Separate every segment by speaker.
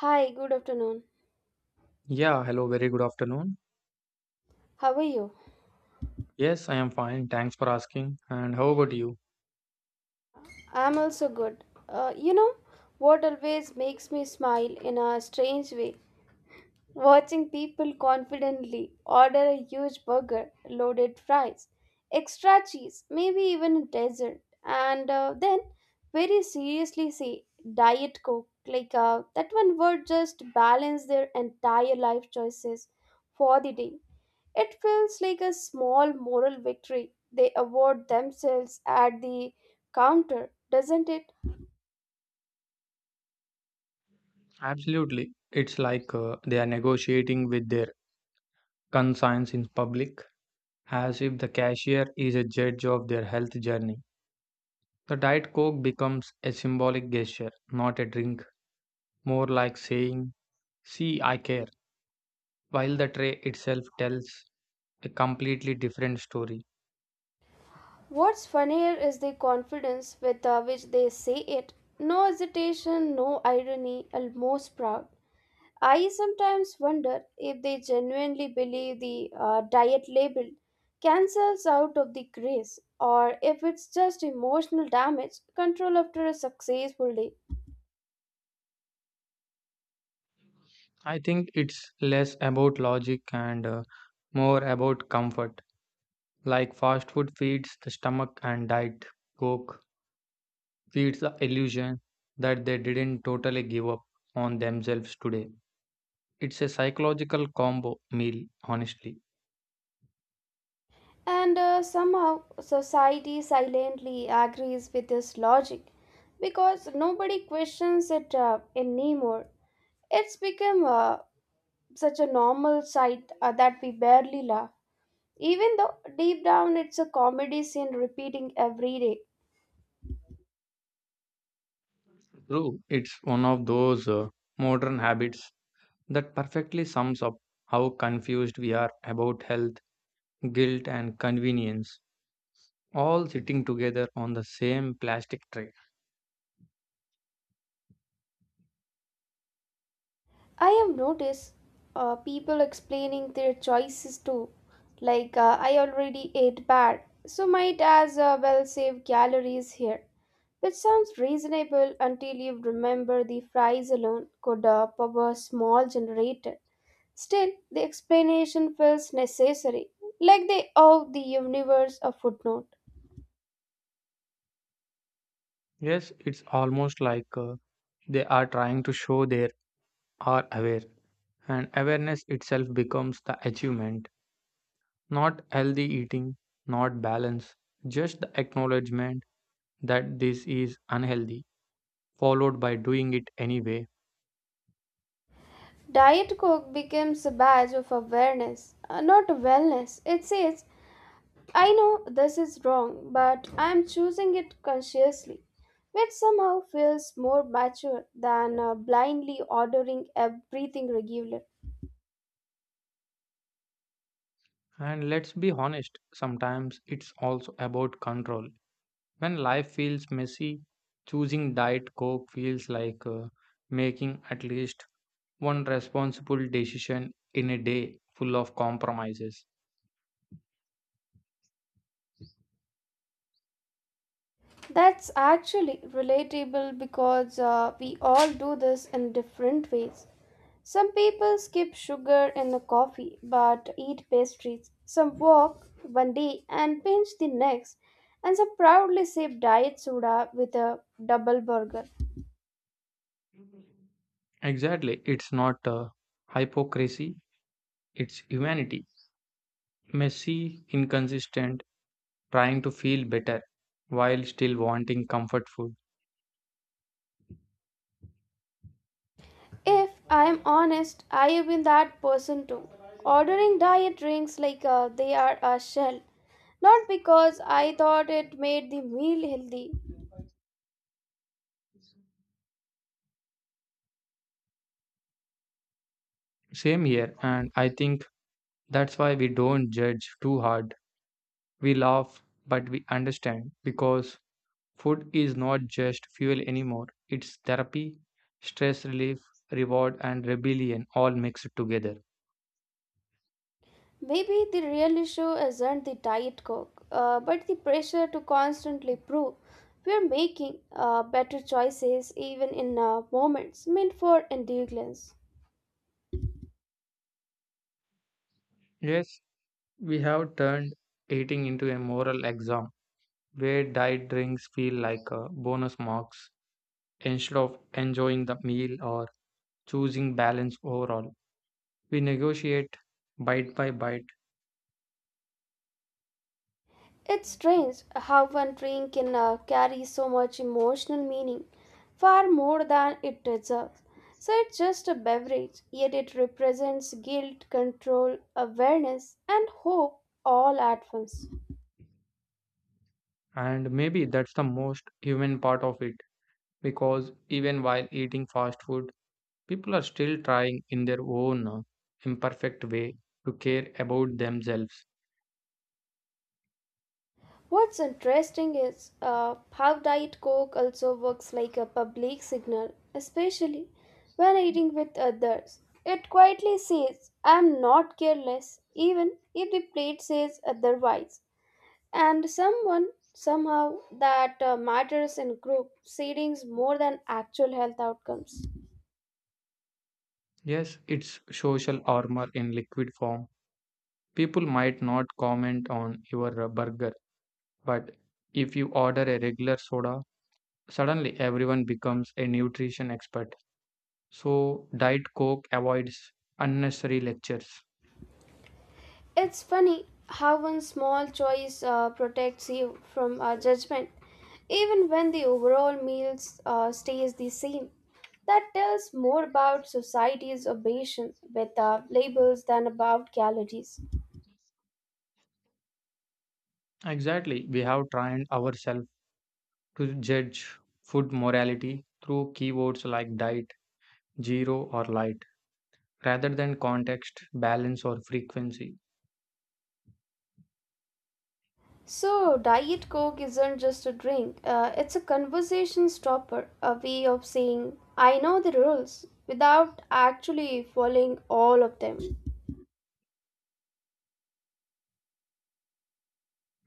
Speaker 1: Hi, good afternoon.
Speaker 2: Yeah, hello, very good afternoon.
Speaker 1: How are you?
Speaker 2: Yes, I am fine. Thanks for asking. And how about you?
Speaker 1: I'm also good. You know what always makes me smile in a strange way? Watching people confidently order a huge burger, loaded fries, extra cheese, maybe even a dessert, and then very seriously say Diet Coke. That one word just balance their entire life choices for the day. It feels like a small moral victory they award themselves at the counter, doesn't it?
Speaker 2: Absolutely. It's like they are negotiating with their conscience in public, as if the cashier is a judge of their health journey. The Diet Coke becomes a symbolic gesture, not a drink, more like saying, "See, I care," while the tray itself tells a completely different story.
Speaker 1: What's funnier is the confidence with which they say it. No hesitation, no irony, almost proud. I sometimes wonder if they genuinely believe the diet label cancels out of the grace or if it's just emotional damage control after a successful day.
Speaker 2: I think it's less about logic and more about comfort. Like fast food feeds the stomach and diet coke feeds the illusion that they didn't totally give up on themselves today. It's a psychological combo meal, honestly.
Speaker 1: And Somehow society silently agrees with this logic because nobody questions it anymore. It's become such a normal sight that we barely laugh, even though deep down it's a comedy scene repeating every day.
Speaker 2: True, it's one of those modern habits that perfectly sums up how confused we are about health, guilt, and convenience, all sitting together on the same plastic tray.
Speaker 1: I have noticed people explaining their choices too, I already ate bad, so might as well save calories here. Which sounds reasonable until you remember the fries alone could power a small generator. Still, the explanation feels necessary, like they owe the universe a footnote.
Speaker 2: Yes, it's almost like they are trying to show their are aware, and awareness itself becomes the achievement, not healthy eating, not balance, just the acknowledgement that this is unhealthy, followed by doing it anyway.
Speaker 1: Diet Coke becomes a badge of awareness, not wellness. It says, I know this is wrong, but I'm choosing it consciously, which somehow feels more mature than blindly ordering everything regular.
Speaker 2: And let's be honest, sometimes it's also about control. When life feels messy, choosing diet coke feels like making at least one responsible decision in a day full of compromises.
Speaker 1: That's actually relatable because we all do this in different ways. Some people skip sugar in the coffee but eat pastries. Some walk one day and binge the next. And some proudly sip diet soda with a double burger.
Speaker 2: Exactly, it's not hypocrisy. It's humanity. Messy, inconsistent, trying to feel better while still wanting comfort food.
Speaker 1: If I am honest, I have been that person too. Ordering diet drinks they are a shell. Not because I thought it made the meal healthy.
Speaker 2: Same here, and I think that's why we don't judge too hard. We laugh, but we understand because food is not just fuel anymore, it's therapy, stress relief, reward, and rebellion all mixed together.
Speaker 1: Maybe the real issue isn't the diet coke, but the pressure to constantly prove we are making better choices even in moments meant for endurance.
Speaker 2: Yes, we have turned eating into a moral exam where diet drinks feel like bonus marks. Instead of enjoying the meal or choosing balance overall, we negotiate bite by bite,
Speaker 1: It's strange how one drink can carry so much emotional meaning, far more than it deserves. So it's just a beverage, yet it represents guilt, control, awareness, and hope all at once.
Speaker 2: and maybe that's the most human part of it because even while eating fast food, people are still trying in their own imperfect way to care about themselves.
Speaker 1: What's interesting is how Diet Coke also works like a public signal, especially when eating with others. It quietly says, I'm not careless, even if the plate says otherwise. And someone, somehow, that matters in group settings more than actual health outcomes.
Speaker 2: Yes, it's social armor in liquid form. People might not comment on your burger, but if you order a regular soda, suddenly everyone becomes a nutrition expert. So, Diet Coke avoids unnecessary lectures.
Speaker 1: It's funny how one small choice protects you from judgment even when the overall meals stays the same. That tells more about society's obsession with labels than about calories.
Speaker 2: Exactly. We have trained ourselves to judge food morality through keywords like diet, zero, or light, rather than context, balance, or frequency.
Speaker 1: So, Diet Coke isn't just a drink, it's a conversation stopper, a way of saying, I know the rules, without actually following all of them.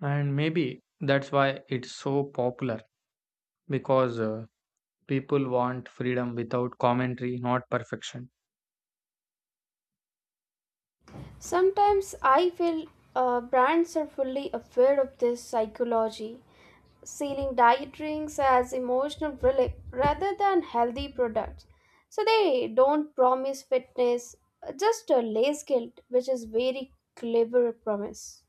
Speaker 2: And maybe that's why it's so popular because people want freedom without commentary, not perfection.
Speaker 1: Sometimes I feel brands are fully aware of this psychology, selling diet drinks as emotional relief rather than healthy products. So they don't promise fitness, just a lace guilt, which is very clever promise.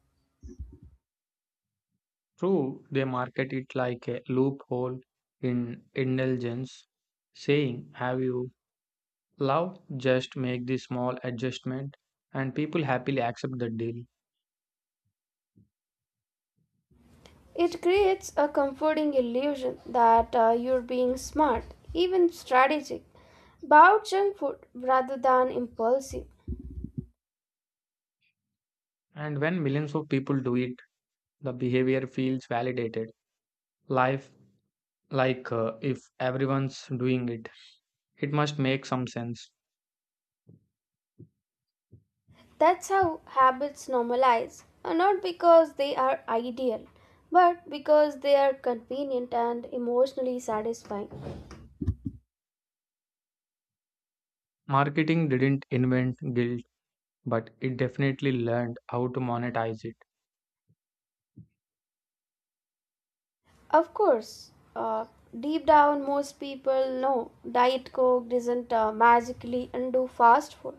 Speaker 2: True, they market it like a loophole in indulgence, saying, "Have you Love just make the small adjustment," and people happily accept the deal.
Speaker 1: It creates a comforting illusion that you're being smart, even strategic, about junk food rather than impulsive.
Speaker 2: And when millions of people do it, the behavior feels validated. Life like if everyone's doing it, it must make some sense.
Speaker 1: That's how habits normalize, not because they are ideal, but because they are convenient and emotionally satisfying.
Speaker 2: Marketing didn't invent guilt, but it definitely learned how to monetize it.
Speaker 1: Of course, deep down, most people know diet coke doesn't magically undo fast food,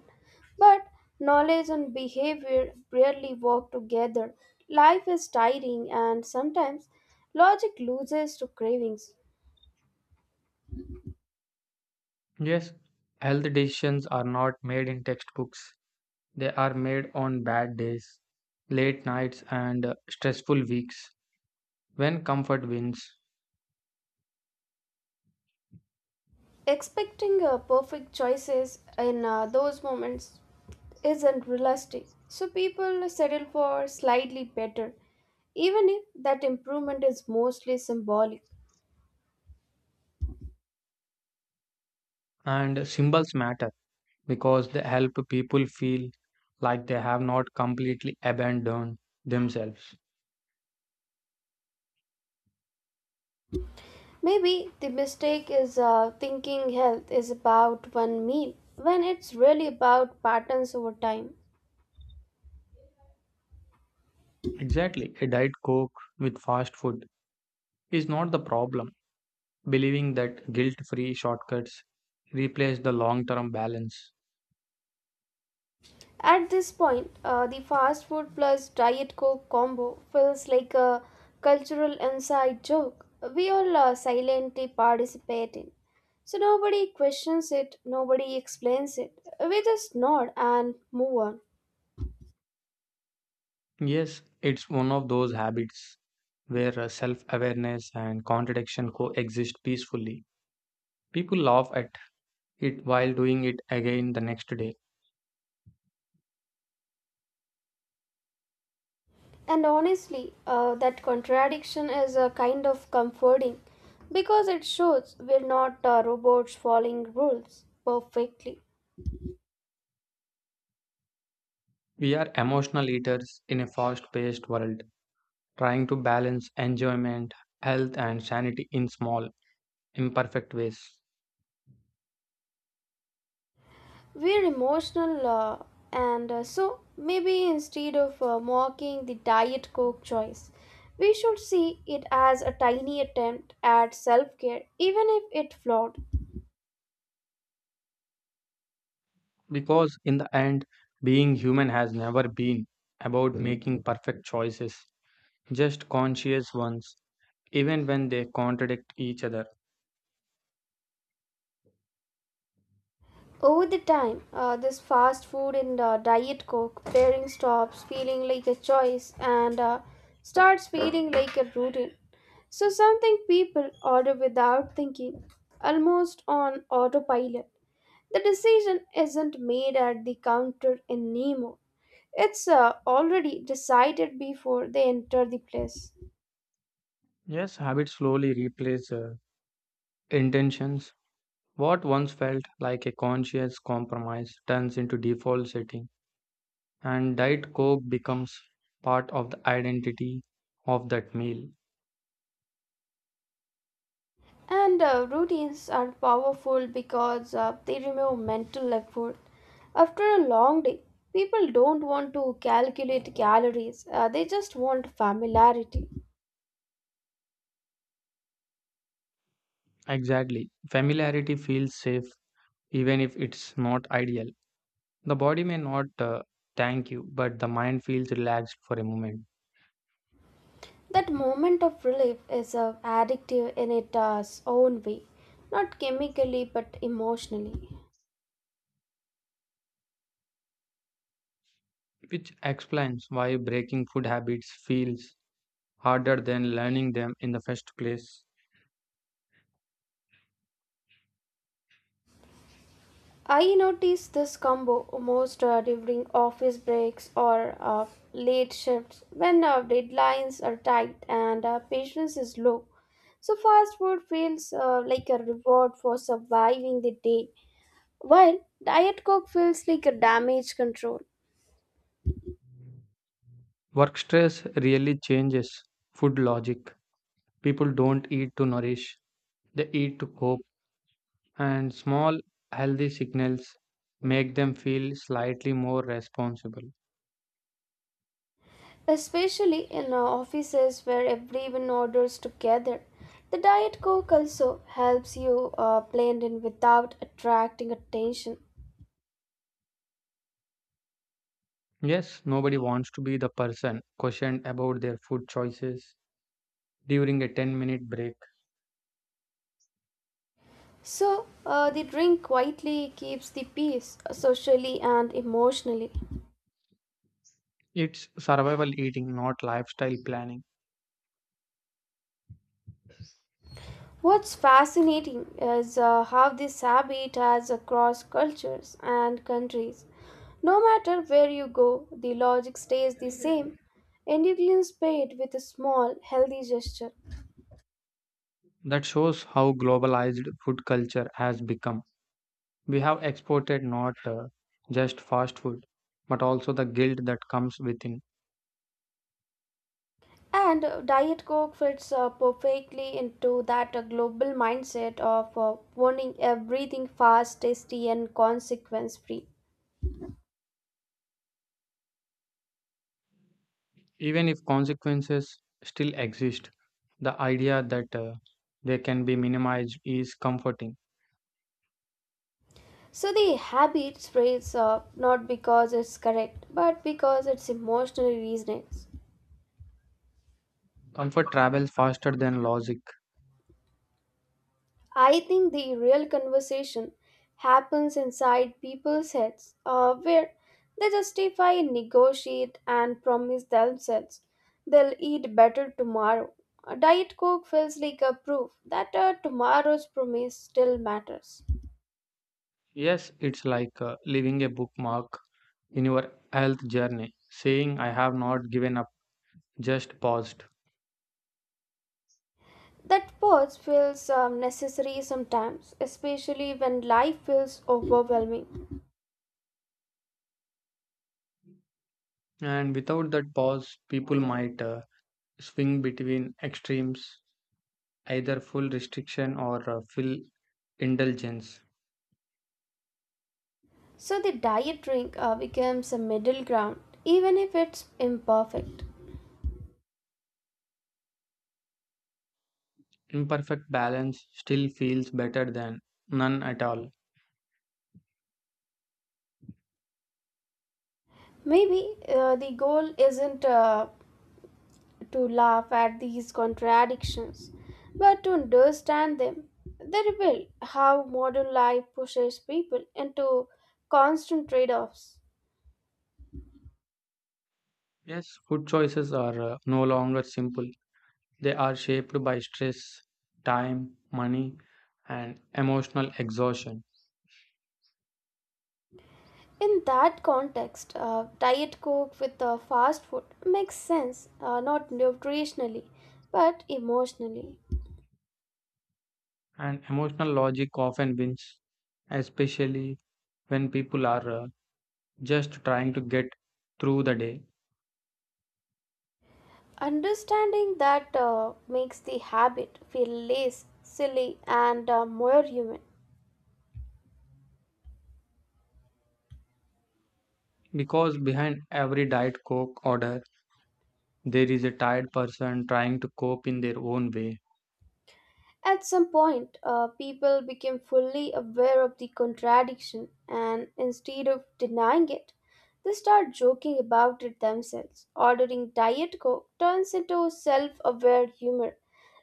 Speaker 1: but knowledge and behavior rarely work together. Life is tiring, and sometimes logic loses to cravings.
Speaker 2: Yes, health decisions are not made in textbooks. They are made on bad days, late nights and stressful weeks when comfort wins.
Speaker 1: Expecting perfect choices in those moments isn't realistic, so people settle for slightly better, even if that improvement is mostly symbolic.
Speaker 2: And symbols matter because they help people feel like they have not completely abandoned themselves.
Speaker 1: Maybe the mistake is thinking health is about one meal when it's really about patterns over time.
Speaker 2: Exactly. A diet coke with fast food is not the problem. Believing that guilt free shortcuts replace the long term balance.
Speaker 1: At this point, the fast food plus diet coke combo feels like a cultural inside joke. We all are silently participate in. So nobody questions it, nobody explains it. We just nod and move on.
Speaker 2: Yes, it's one of those habits where self awareness and contradiction coexist peacefully. People laugh at it while doing it again the next day.
Speaker 1: And honestly, that contradiction is a kind of comforting because it shows we're not robots following rules perfectly.
Speaker 2: We are emotional eaters in a fast paced world, trying to balance enjoyment, health, and sanity in small, imperfect ways.
Speaker 1: We're emotional, and so maybe instead of mocking the Diet Coke choice, we should see it as a tiny attempt at self care, even if it flawed.
Speaker 2: Because in the end, being human has never been about making perfect choices, just conscious ones, even when they contradict each other.
Speaker 1: Over the time, this fast food and Diet Coke pairing stops feeling like a choice and starts feeling like a routine. So, something people order without thinking, almost on autopilot. The decision isn't made at the counter anymore. It's already decided before they enter the place.
Speaker 2: Yes, habits slowly replace intentions. What once felt like a conscious compromise turns into default setting, and Diet Coke becomes part of the identity of that meal.
Speaker 1: And Routines are powerful because they remove mental effort. After a long day, people don't want to calculate calories, they just want familiarity.
Speaker 2: Exactly. Familiarity feels safe even if it's not ideal. The body may not thank you, but the mind feels relaxed for a moment,
Speaker 1: That moment of relief is addictive in its own way, not chemically but emotionally.
Speaker 2: which explains why breaking food habits feels harder than learning them in the first place.
Speaker 1: I notice this combo most during office breaks or late shifts when deadlines are tight and patience is low. So, fast food feels like a reward for surviving the day, while Diet Coke feels like a damage control.
Speaker 2: Work stress really changes food logic. People don't eat to nourish, they eat to cope, and small healthy signals make them feel slightly more responsible.
Speaker 1: Especially in offices where everyone orders together. The Diet Coke also helps you blend in without attracting attention.
Speaker 2: Yes, nobody wants to be the person questioned about their food choices during a 10-minute break.
Speaker 1: So, the drink quietly keeps the peace socially and emotionally.
Speaker 2: It's survival eating, not lifestyle planning.
Speaker 1: What's fascinating is how this habit has across cultures and countries. No matter where you go, the logic stays the same. Indians pay it with a small, healthy gesture.
Speaker 2: That shows how globalized food culture has become. We have exported not just fast food, but also the guilt that comes within.
Speaker 1: And Diet Coke fits perfectly into that global mindset of wanting everything fast, tasty, and consequence free.
Speaker 2: Even if consequences still exist, the idea that they can be minimized is comforting.
Speaker 1: So the habit spreads up not because it's correct, but because it's emotionally reasonings.
Speaker 2: Comfort travels faster than logic.
Speaker 1: I think the real conversation happens inside people's heads, where they justify, negotiate, and promise themselves they'll eat better tomorrow. A diet coke feels like a proof that tomorrow's promise still matters.
Speaker 2: Yes, it's like leaving a bookmark in your health journey, saying, "I have not given up, just paused."
Speaker 1: That pause feels necessary sometimes, especially when life feels overwhelming.
Speaker 2: And without that pause, people might swing between extremes, either full restriction or full indulgence.
Speaker 1: So the diet drink becomes a middle ground, even if it's imperfect.
Speaker 2: Imperfect balance still feels better than none at all.
Speaker 1: Maybe the goal isn't to laugh at these contradictions, but to understand them. They reveal how modern life pushes people into constant trade offs.
Speaker 2: Yes, food choices are no longer simple, they are shaped by stress, time, money, and emotional exhaustion.
Speaker 1: In that context, diet coke with fast food makes sense, not nutritionally, but emotionally.
Speaker 2: And emotional logic often wins, especially when people are just trying to get through the day.
Speaker 1: Understanding that makes the habit feel less silly and more human.
Speaker 2: Because behind every Diet Coke order, there is a tired person trying to cope in their own way.
Speaker 1: At some point, people became fully aware of the contradiction, and instead of denying it, they start joking about it themselves. Ordering Diet Coke turns into self aware humor,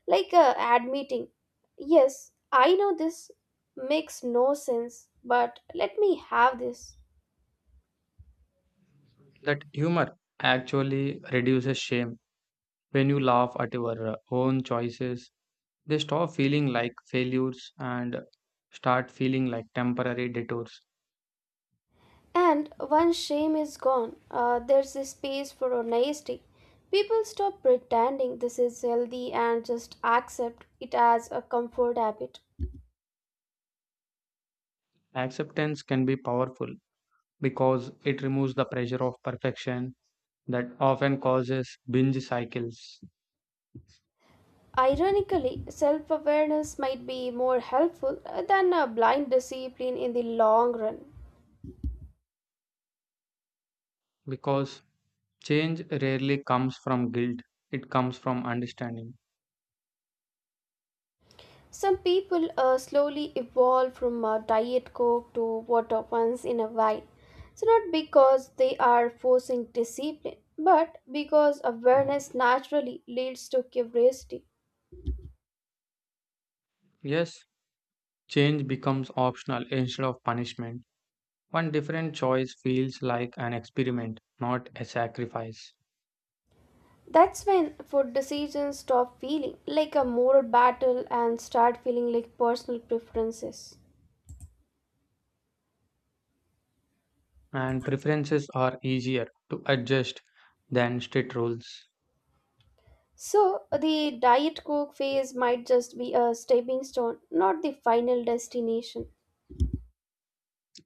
Speaker 1: admitting, Yes, I know this makes no sense, but let me have this.
Speaker 2: That humor actually reduces shame. When you laugh at your own choices, they stop feeling like failures and start feeling like temporary detours.
Speaker 1: And once shame is gone, there's a space for honesty. People stop pretending this is healthy and just accept it as a comfort habit.
Speaker 2: Acceptance can be powerful because it removes the pressure of perfection that often causes binge cycles
Speaker 1: Ironically, self awareness might be more helpful than a blind discipline in the long run.
Speaker 2: because change rarely comes from guilt, it comes from understanding.
Speaker 1: Some people slowly evolve from diet coke to water once in a while. So, not because they are forcing discipline, but because awareness naturally leads to curiosity.
Speaker 2: Yes, change becomes optional instead of punishment. One different choice feels like an experiment, not a sacrifice.
Speaker 1: That's when food decisions stop feeling like a moral battle and start feeling like personal preferences.
Speaker 2: And preferences are easier to adjust than strict rules.
Speaker 1: So, the Diet Coke phase might just be a stepping stone, not the final destination.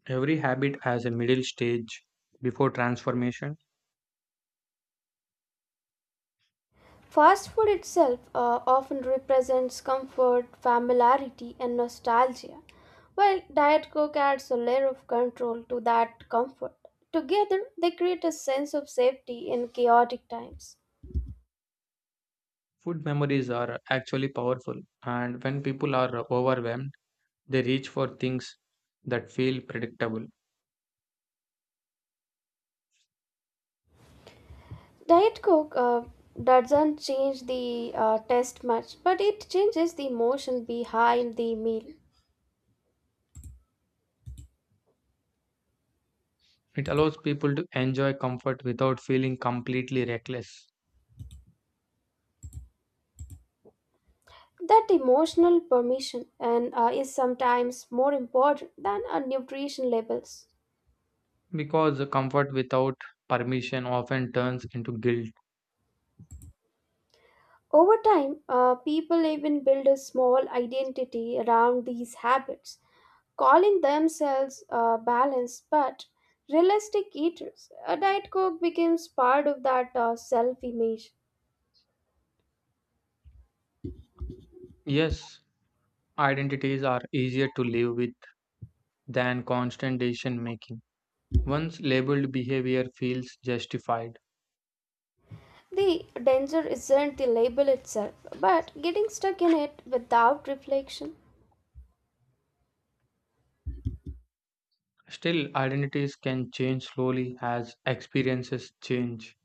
Speaker 2: Every habit has a middle stage before transformation.
Speaker 1: Fast food itself often represents comfort, familiarity, and nostalgia, while Diet Coke adds a layer of control to that comfort. Together, they create a sense of safety in chaotic times.
Speaker 2: Food memories are actually powerful, and when people are overwhelmed, they reach for things that feel predictable.
Speaker 1: Diet Coke doesn't change the taste much, but it changes the emotion behind the meal.
Speaker 2: It allows people to enjoy comfort without feeling completely reckless
Speaker 1: That emotional permission and is sometimes more important than our nutrition labels.
Speaker 2: because the comfort without permission often turns into guilt.
Speaker 1: Over time, people even build a small identity around these habits, calling themselves balanced but realistic eaters. A diet coke becomes part of that self-image.
Speaker 2: Yes, identities are easier to live with than constant decision making. Once labeled behavior feels justified.
Speaker 1: The danger isn't the label itself, but getting stuck in it without reflection.
Speaker 2: Still, identities can change slowly as experiences change.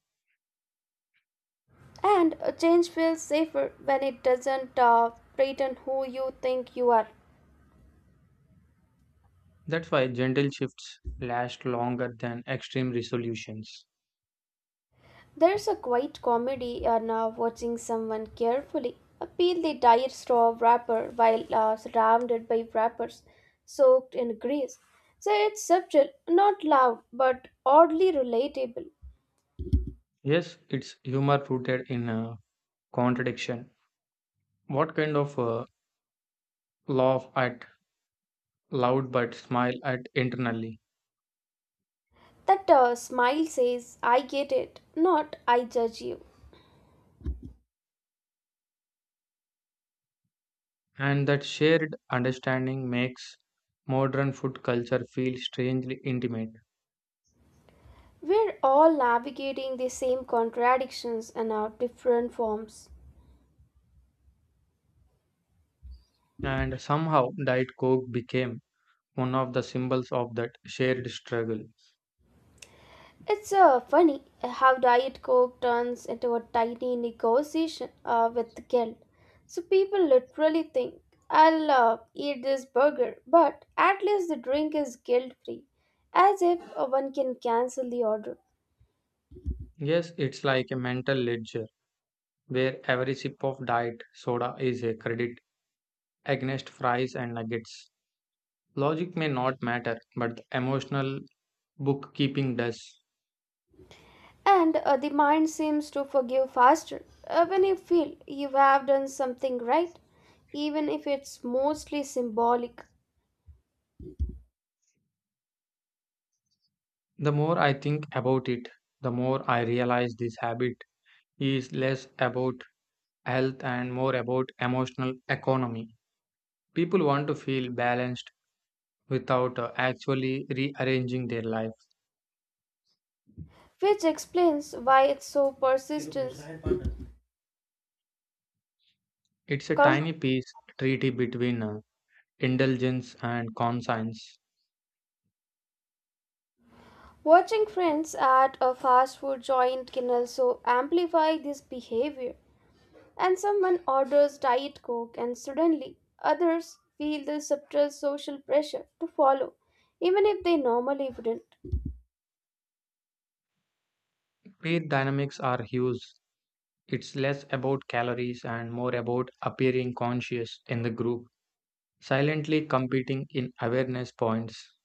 Speaker 1: And a change feels safer when it doesn't threaten who you think you are.
Speaker 2: That's why gentle shifts last longer than extreme resolutions.
Speaker 1: There's a quiet comedy in now watching someone carefully peel the tire straw wrapper while surrounded by wrappers soaked in grease. So it's subtle, not loud, but oddly relatable.
Speaker 2: Yes, it's humor rooted in contradiction. What kind of laugh at loud but smile at internally?
Speaker 1: That smile says, I get it, not I judge you.
Speaker 2: And that shared understanding makes modern food culture feel strangely intimate.
Speaker 1: We're all navigating the same contradictions in our different forms.
Speaker 2: And somehow, Diet Coke became one of the symbols of that shared struggle.
Speaker 1: It's funny how Diet Coke turns into a tiny negotiation with guilt. So people literally think, I'll eat this burger, but at least the drink is guilt free, as if one can cancel the order.
Speaker 2: Yes, it's like a mental ledger where every sip of diet soda is a credit against fries and nuggets. Logic may not matter, but the emotional bookkeeping does.
Speaker 1: And The mind seems to forgive faster when you feel you have done something right, even if it's mostly symbolic.
Speaker 2: The more I think about it, the more I realize this habit is less about health and more about emotional economy. People want to feel balanced without actually rearranging their life.
Speaker 1: Which explains why it's so persistent.
Speaker 2: It's a
Speaker 1: Com-
Speaker 2: tiny piece treaty between indulgence and conscience.
Speaker 1: Watching friends at a fast food joint can also amplify this behavior. And someone orders Diet Coke, and suddenly others feel the subtle social pressure to follow, even if they normally wouldn't.
Speaker 2: Weight dynamics are huge. It's less about calories and more about appearing conscious in the group, silently competing in awareness points.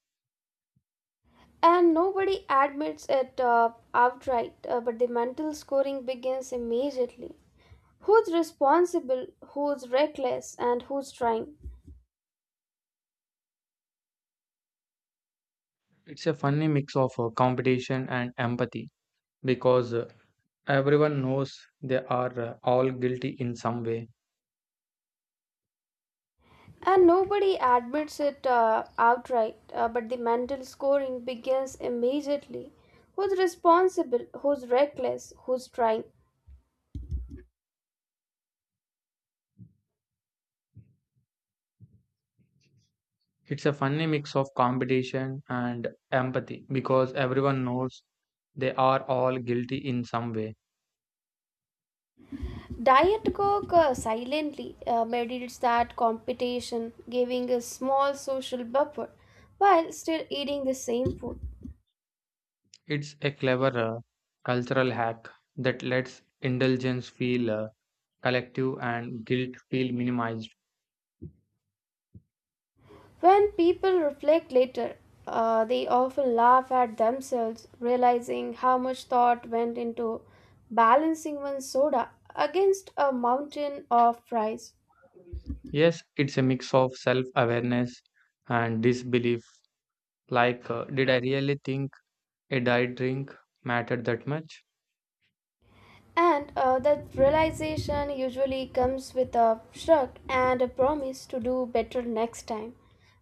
Speaker 1: And nobody admits it outright, but the mental scoring begins immediately. Who's responsible, who's reckless, and who's trying?
Speaker 2: It's a funny mix of competition and empathy because everyone knows they are all guilty in some way.
Speaker 1: And nobody admits it outright, but the mental scoring begins immediately. Who's responsible? Who's reckless? Who's trying?
Speaker 2: It's a funny mix of competition and empathy because everyone knows they are all guilty in some way.
Speaker 1: Diet Coke silently meditates that competition, giving a small social buffer while still eating the same food.
Speaker 2: It's a clever cultural hack that lets indulgence feel collective and guilt feel minimized.
Speaker 1: When people reflect later, they often laugh at themselves, realizing how much thought went into balancing one soda against a mountain of fries.
Speaker 2: Yes, it's a mix of self awareness and disbelief like, did I really think? A diet drink mattered that much,
Speaker 1: And That realization usually comes with a shrug and a promise to do better next time,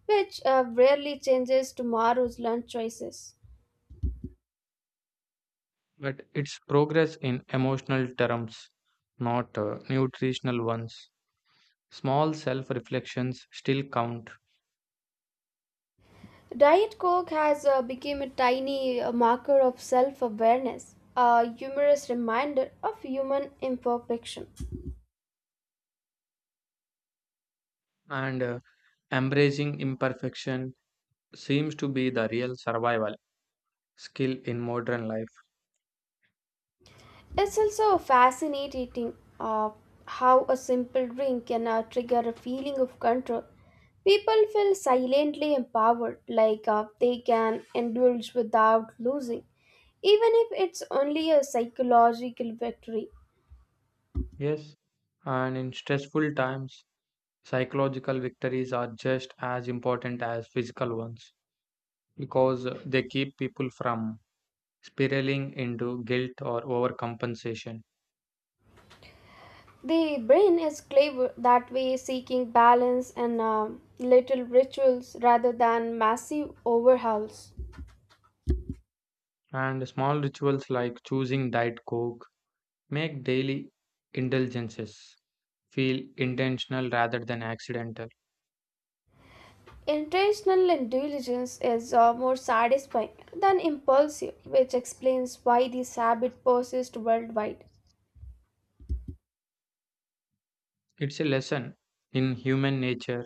Speaker 1: which rarely changes tomorrow's lunch choices.
Speaker 2: but its progress in emotional terms, not nutritional ones. Small self reflections still count,
Speaker 1: Diet Coke has become a tiny marker of self awareness, a humorous reminder of human imperfection.
Speaker 2: and embracing imperfection seems to be the real survival skill in modern life.
Speaker 1: It's also fascinating how a simple drink can trigger a feeling of control. People feel silently empowered, they can indulge without losing, even if it's only a psychological victory.
Speaker 2: Yes, and in stressful times, psychological victories are just as important as physical ones because they keep people from spiraling into guilt or overcompensation.
Speaker 1: The brain is clever that way, seeking balance and little rituals rather than massive overhauls.
Speaker 2: And small rituals like choosing diet coke make daily indulgences feel intentional rather than accidental.
Speaker 1: Intentional intelligence is more satisfying than impulsive, which explains why this habit persists worldwide.
Speaker 2: It's a lesson in human nature.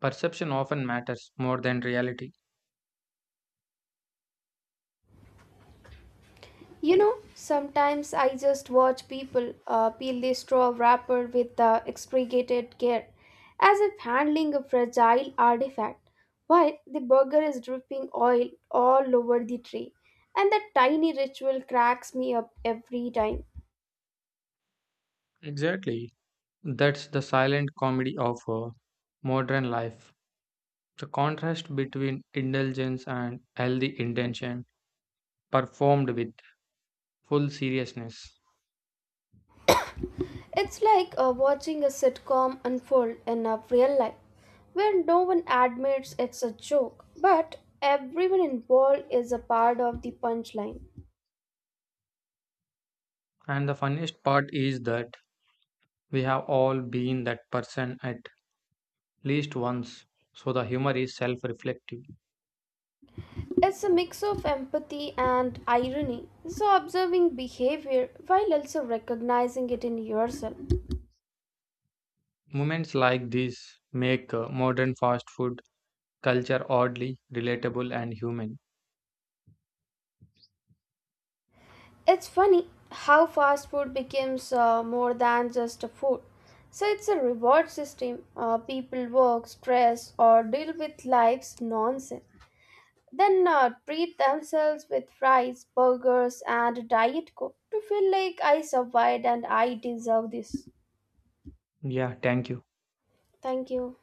Speaker 2: Perception often matters more than reality.
Speaker 1: You know, sometimes I just watch people peel the straw wrapper with extricated care, as if handling a fragile artifact, while the burger is dripping oil all over the tray. And that tiny ritual cracks me up every time.
Speaker 2: Exactly. That's the silent comedy of modern life. The contrast between indulgence and healthy intention performed with full seriousness.
Speaker 1: It's watching a sitcom unfold in a real life, where no one admits it's a joke, but everyone involved is a part of the punchline.
Speaker 2: And the funniest part is that we have all been that person at least once, so the humor is self reflective.
Speaker 1: It's a mix of empathy and irony, so observing behavior while also recognizing it in yourself.
Speaker 2: Moments like these make modern fast food culture oddly relatable and human.
Speaker 1: It's funny how fast food becomes more than just a food. So it's a reward system. People work, stress, or deal with life's nonsense. Then treat themselves with fries, burgers, and diet coke to feel like I survived and I deserve this.
Speaker 2: Yeah, thank you.
Speaker 1: Thank you.